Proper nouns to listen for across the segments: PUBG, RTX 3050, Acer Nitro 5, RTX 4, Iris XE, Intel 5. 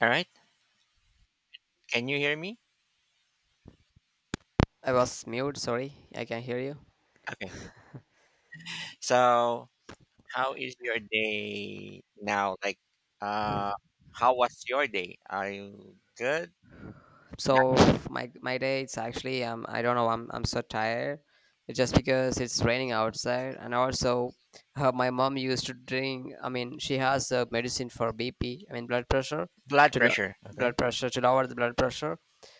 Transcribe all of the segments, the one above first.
All right. Can you hear me? I was mute. Sorry, I can hear you. Okay. So, how is your day now? Like, uh, how was your day? Are you good? Not So my day, it's actually I don't know. I'm so tired. It's just because it's raining outside, and also my mom used to drink. I mean, she has a medicine for BP. I mean, blood pressure blood to lo- pressure. Okay. blood pressure to lower the blood pressure.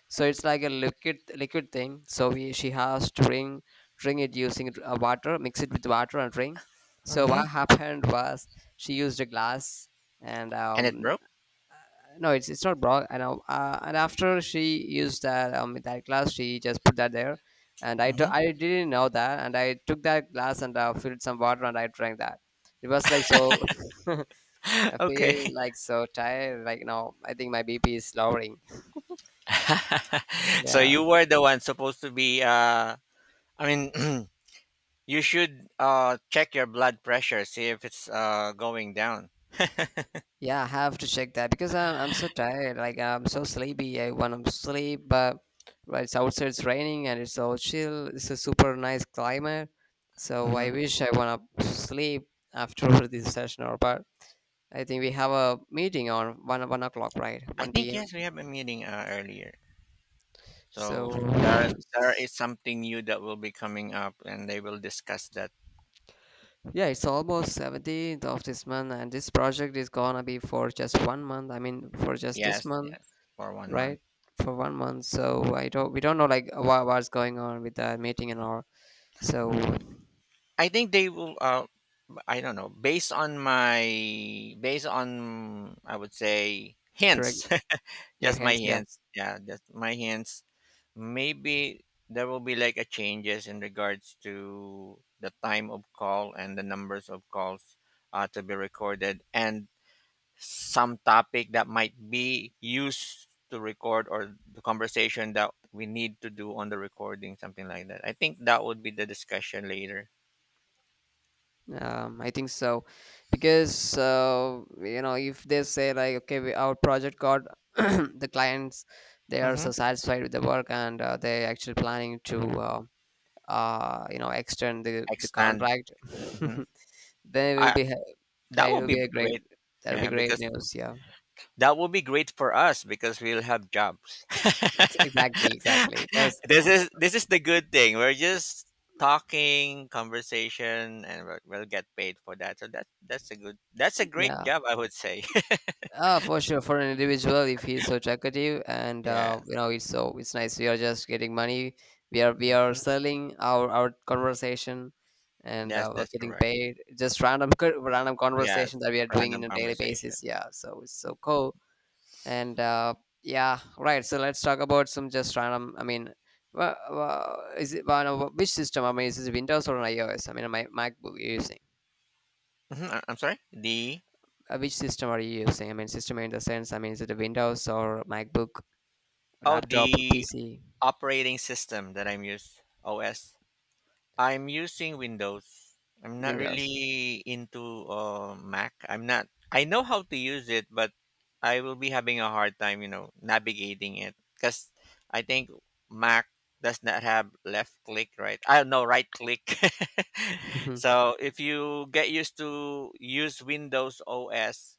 So it's like a liquid thing. So we she has to drink it using water, mix it with water and drink. So Mm-hmm. what happened was she used a glass and And it broke. no, it's not bra and after she used that glass, she just put that there. And Mm-hmm. I didn't know that, and I took that glass and filled some water and I drank that. It was like so, I Okay. feel like so tired. Like now I think my BP is lowering. So Yeah. you were the one supposed to be. I mean, you should check your blood pressure, see if it's going down. Yeah, I have to check that because I'm so tired. Like I'm so sleepy. I want to sleep, but well, it's outside, it's raining, and it's all chill. It's a super nice climate, so Mm-hmm. I wanna sleep after this session. Or but I think we have a meeting on one o'clock, right? I One think p.m. yes, we have a meeting earlier. So So there it's- is something new that will be coming up, and they will discuss that. yeah, it's almost 17th of this month, and this project is gonna be for just 1 month. I mean, for just this Yes, month. yes, for one Right, month. for 1 month. So I don't we don't know like what's going on with that meeting and all. So I think they will. I don't know. Based on I would say your hints, your just my hands, yeah. hints. Yeah, just my hints. Maybe there will be like a changes in regards to the time of call and the numbers of calls to be recorded, and some topic that might be used to record or the conversation that we need to do on the recording, something like that. I think that would be the discussion later. I think so because you know, if they say like, okay, our project got the clients, they are Mm-hmm. so satisfied with the work, and they actually planning to you know, extend the Extend. contract. Hmm. then it will I be ha- Yeah, That it would will be be a great great. that'll be Yeah, great because news, yeah. that would be great for us because we'll have jobs. Exactly, because This is the good thing. We're just talking, conversation, and we'll get paid for that. So that that's a good that's a great yeah. job, I would say. Ah, for sure, for an individual, if he's so talkative and, Yeah. You know, it's so, it's nice. We are just getting money. We are Mm-hmm. selling our conversation, and Yes, we're that's getting correct. paid. Just random conversation Yes, that we are doing in random a daily conversation. basis. Yeah, so it's so cool. And yeah, right. So let's talk about some, just random. I mean, wha wha- is it wha- no, which system? I mean, is it Windows or an iOS? I mean, my MacBook you're using. Mhm, I'm sorry. The Which system are you using? I mean, system in the sense, I mean, is it a Windows or MacBook? oh, Laptop, the PC, operating system that I'm used OS. I'm using Windows. I'm not Windows. really into Mac. I'm not. I know how to use it, but I will be having a hard time, you know, navigating it because I think Mac does not have left click, right? I don't know, right click. Mhm. So if you get used to use Windows OS,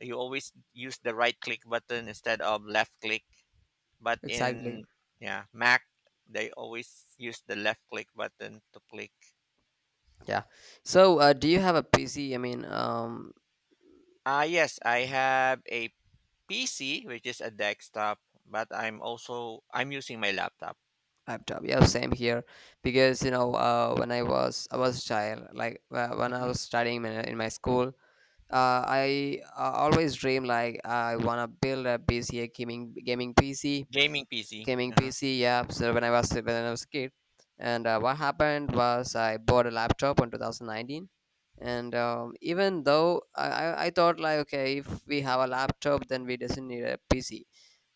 you always use the right click button instead of left click. But Exactly. in yeah, Mac they always use the left click button to click. Yeah. So, do you have a PC? I mean, Ah yes, I have a PC which is a desktop, but I'm using my laptop. laptop. Yeah, same here. Because, you know, when I was a child, like, when I Mhm. was studying in my school, I, always dream like I wanna build a PC, gaming PC, Gaming PC. gaming Uh-huh. PC apps, when I was a kid. And what happened was I bought a laptop in 2019, and even though I thought like, okay, if we have a laptop then we doesn't need a PC.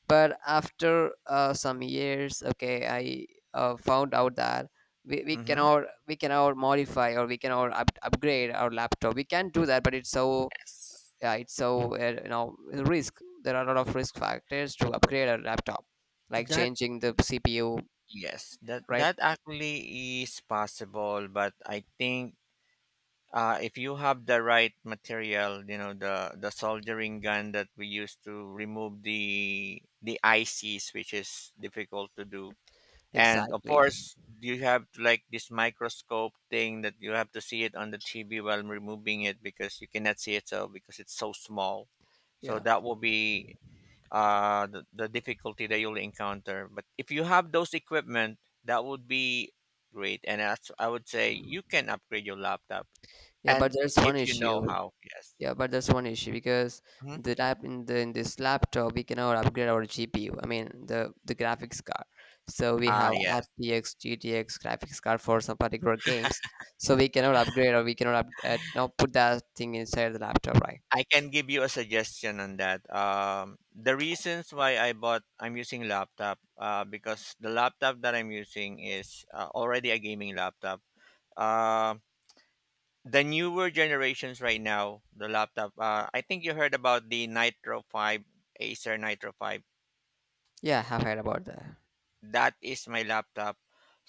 But after some years, okay, I found out that Mhm. We cannot modify, or we cannot upgrade our laptop. We can do that, but it's so. Yes. Right. So, you know, risk there are a lot of risk factors to So upgrade a laptop, like That changing the CPU, yes, that right? that actually is possible, but I think if you have the right material, you know the soldering gun that we use to remove the ICs, which is difficult to do. And of Exactly. course, you have like this microscope thing that you have to see it on the TV while removing it because you cannot see it so because it's so small. So yeah that will be the difficulty that you'll encounter. But if you have those equipment, that would be great. And as I would say you can upgrade your laptop yeah but and there's one if you issue know how, yes. yeah, but there's one issue because Mhm. the lap in the in this laptop we cannot upgrade our GPU, I mean the graphics card. So we Ah, have yes. RTX, GTX graphics card for some particular games. So we cannot upgrade, or we cannot not put that thing inside the laptop, right? I can give you a suggestion on that. The reasons why I'm using laptop, because the laptop that I'm using is already a gaming laptop. Uh, the newer generations right now, the laptop, I think you heard about the Nitro 5, Acer Nitro 5. Yeah, I've heard about that. That is my laptop.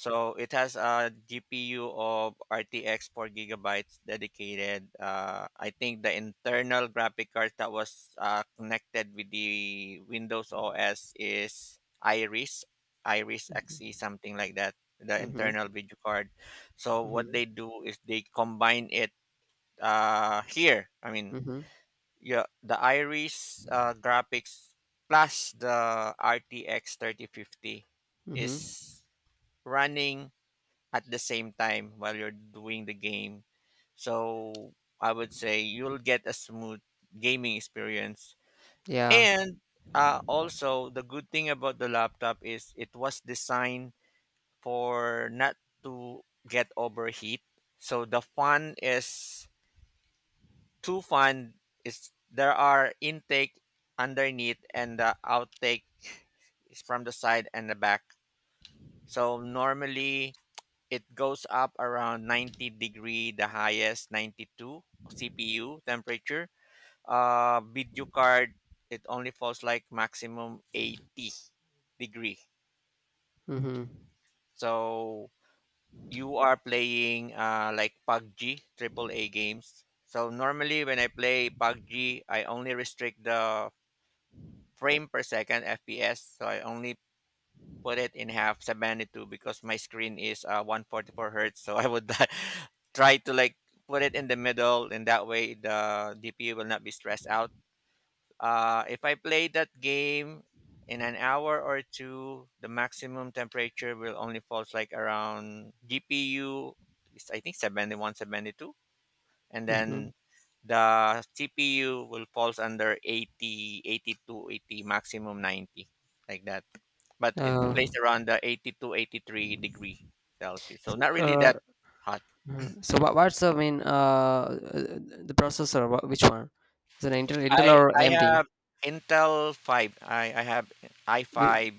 So it has a GPU of RTX 4 gigabytes dedicated. I think the internal graphic card that was connected with the Windows OS is Iris, Iris XE, something like that, the Mhm. internal video card. So what Mhm. they do is they combine it here. I mean, Mhm. yeah the iris graphics plus the rtx 3050 Mhm. is running at the same time while you're doing the game so I would say you'll get a smooth gaming experience Yeah. and also the good thing about the laptop is it was designed for not to get overheat so the fan is to fund is there are intake underneath and the outtake is from the side and the back. So normally it goes up around 90 degree, the highest 92 CPU temperature. Video card it only falls like maximum 80 degree. Mhm. So you are playing like PUBG, triple A games. So normally when I play PUBG, I only restrict the frame per second FPS. So I only put it in half 72 because my screen is 144 hertz. So I would try to like put it in the middle, and that way the DPU will not be stressed out. If I play that game in an hour or two, the maximum temperature will only falls like around GPU. Is I think 71, 72 and Mhm. then the CPU will falls under 80, 82, 80 maximum 90, like that. But it Uh, plays around the 82, 83 degree Celsius. So not really uh, that hot. mhm. So what's the mean, the processor? Which one? Is it Intel or I AMD? have Intel 5. I have i5,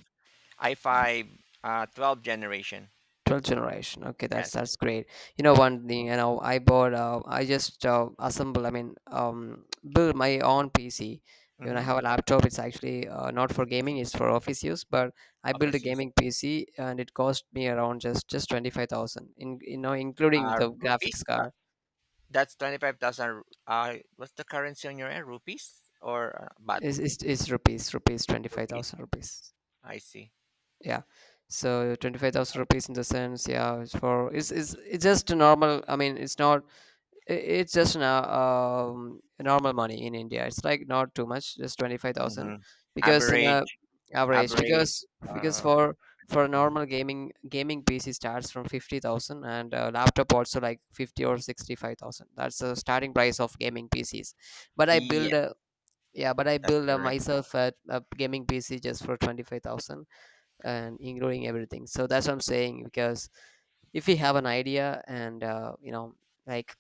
i5 12 generation. 12th generation, okay, that's Yes. Great. You know, Yes. one thing, you know, I bought, I just assemble I mean build my own PC. Even I Mm-hmm. have a laptop, it's actually not for gaming, it's for office use, but I built a Overseas. gaming PC and it cost me around just 25,000 in, you know, including the graphics Rupees. Card. That's 25,000. What's the currency on your end? Rupees or baht? Is rupees Rupees. 25,000 rupees. I see. Yeah. So 25,000 rupees in the sense, yeah, it's for, it's just a normal, I mean, it's not. I- it's just an, normal money in India. It's like not too much, just 25,000. Hmm. Because in a Average, average, average. because Uh, for a mhm. normal gaming PC starts from 50,000, and a laptop also like 50 or 65,000. That's the starting price of gaming PCs. But I Yeah, build a Yeah, but I that's build, correct. myself a gaming PC just for 25,000 and including everything. So that's what I'm saying because if we have an idea, and, you know, like,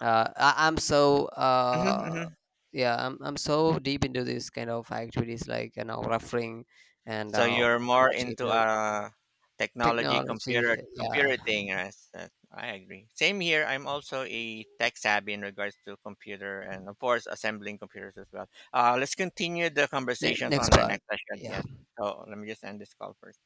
I'm so, Hmm. Hmm. yeah, I'm so deep into this kind of activities, like, you know, referring and, So you're more watching into it, technology, technology. computer, Yeah. computer thing. Yes, that, I agree. Same here. I'm also a tech savvy in regards to computer and of course assembling computers as well. Let's continue the conversations Next on our part, next session. yeah. Yes. So let me just end this call first.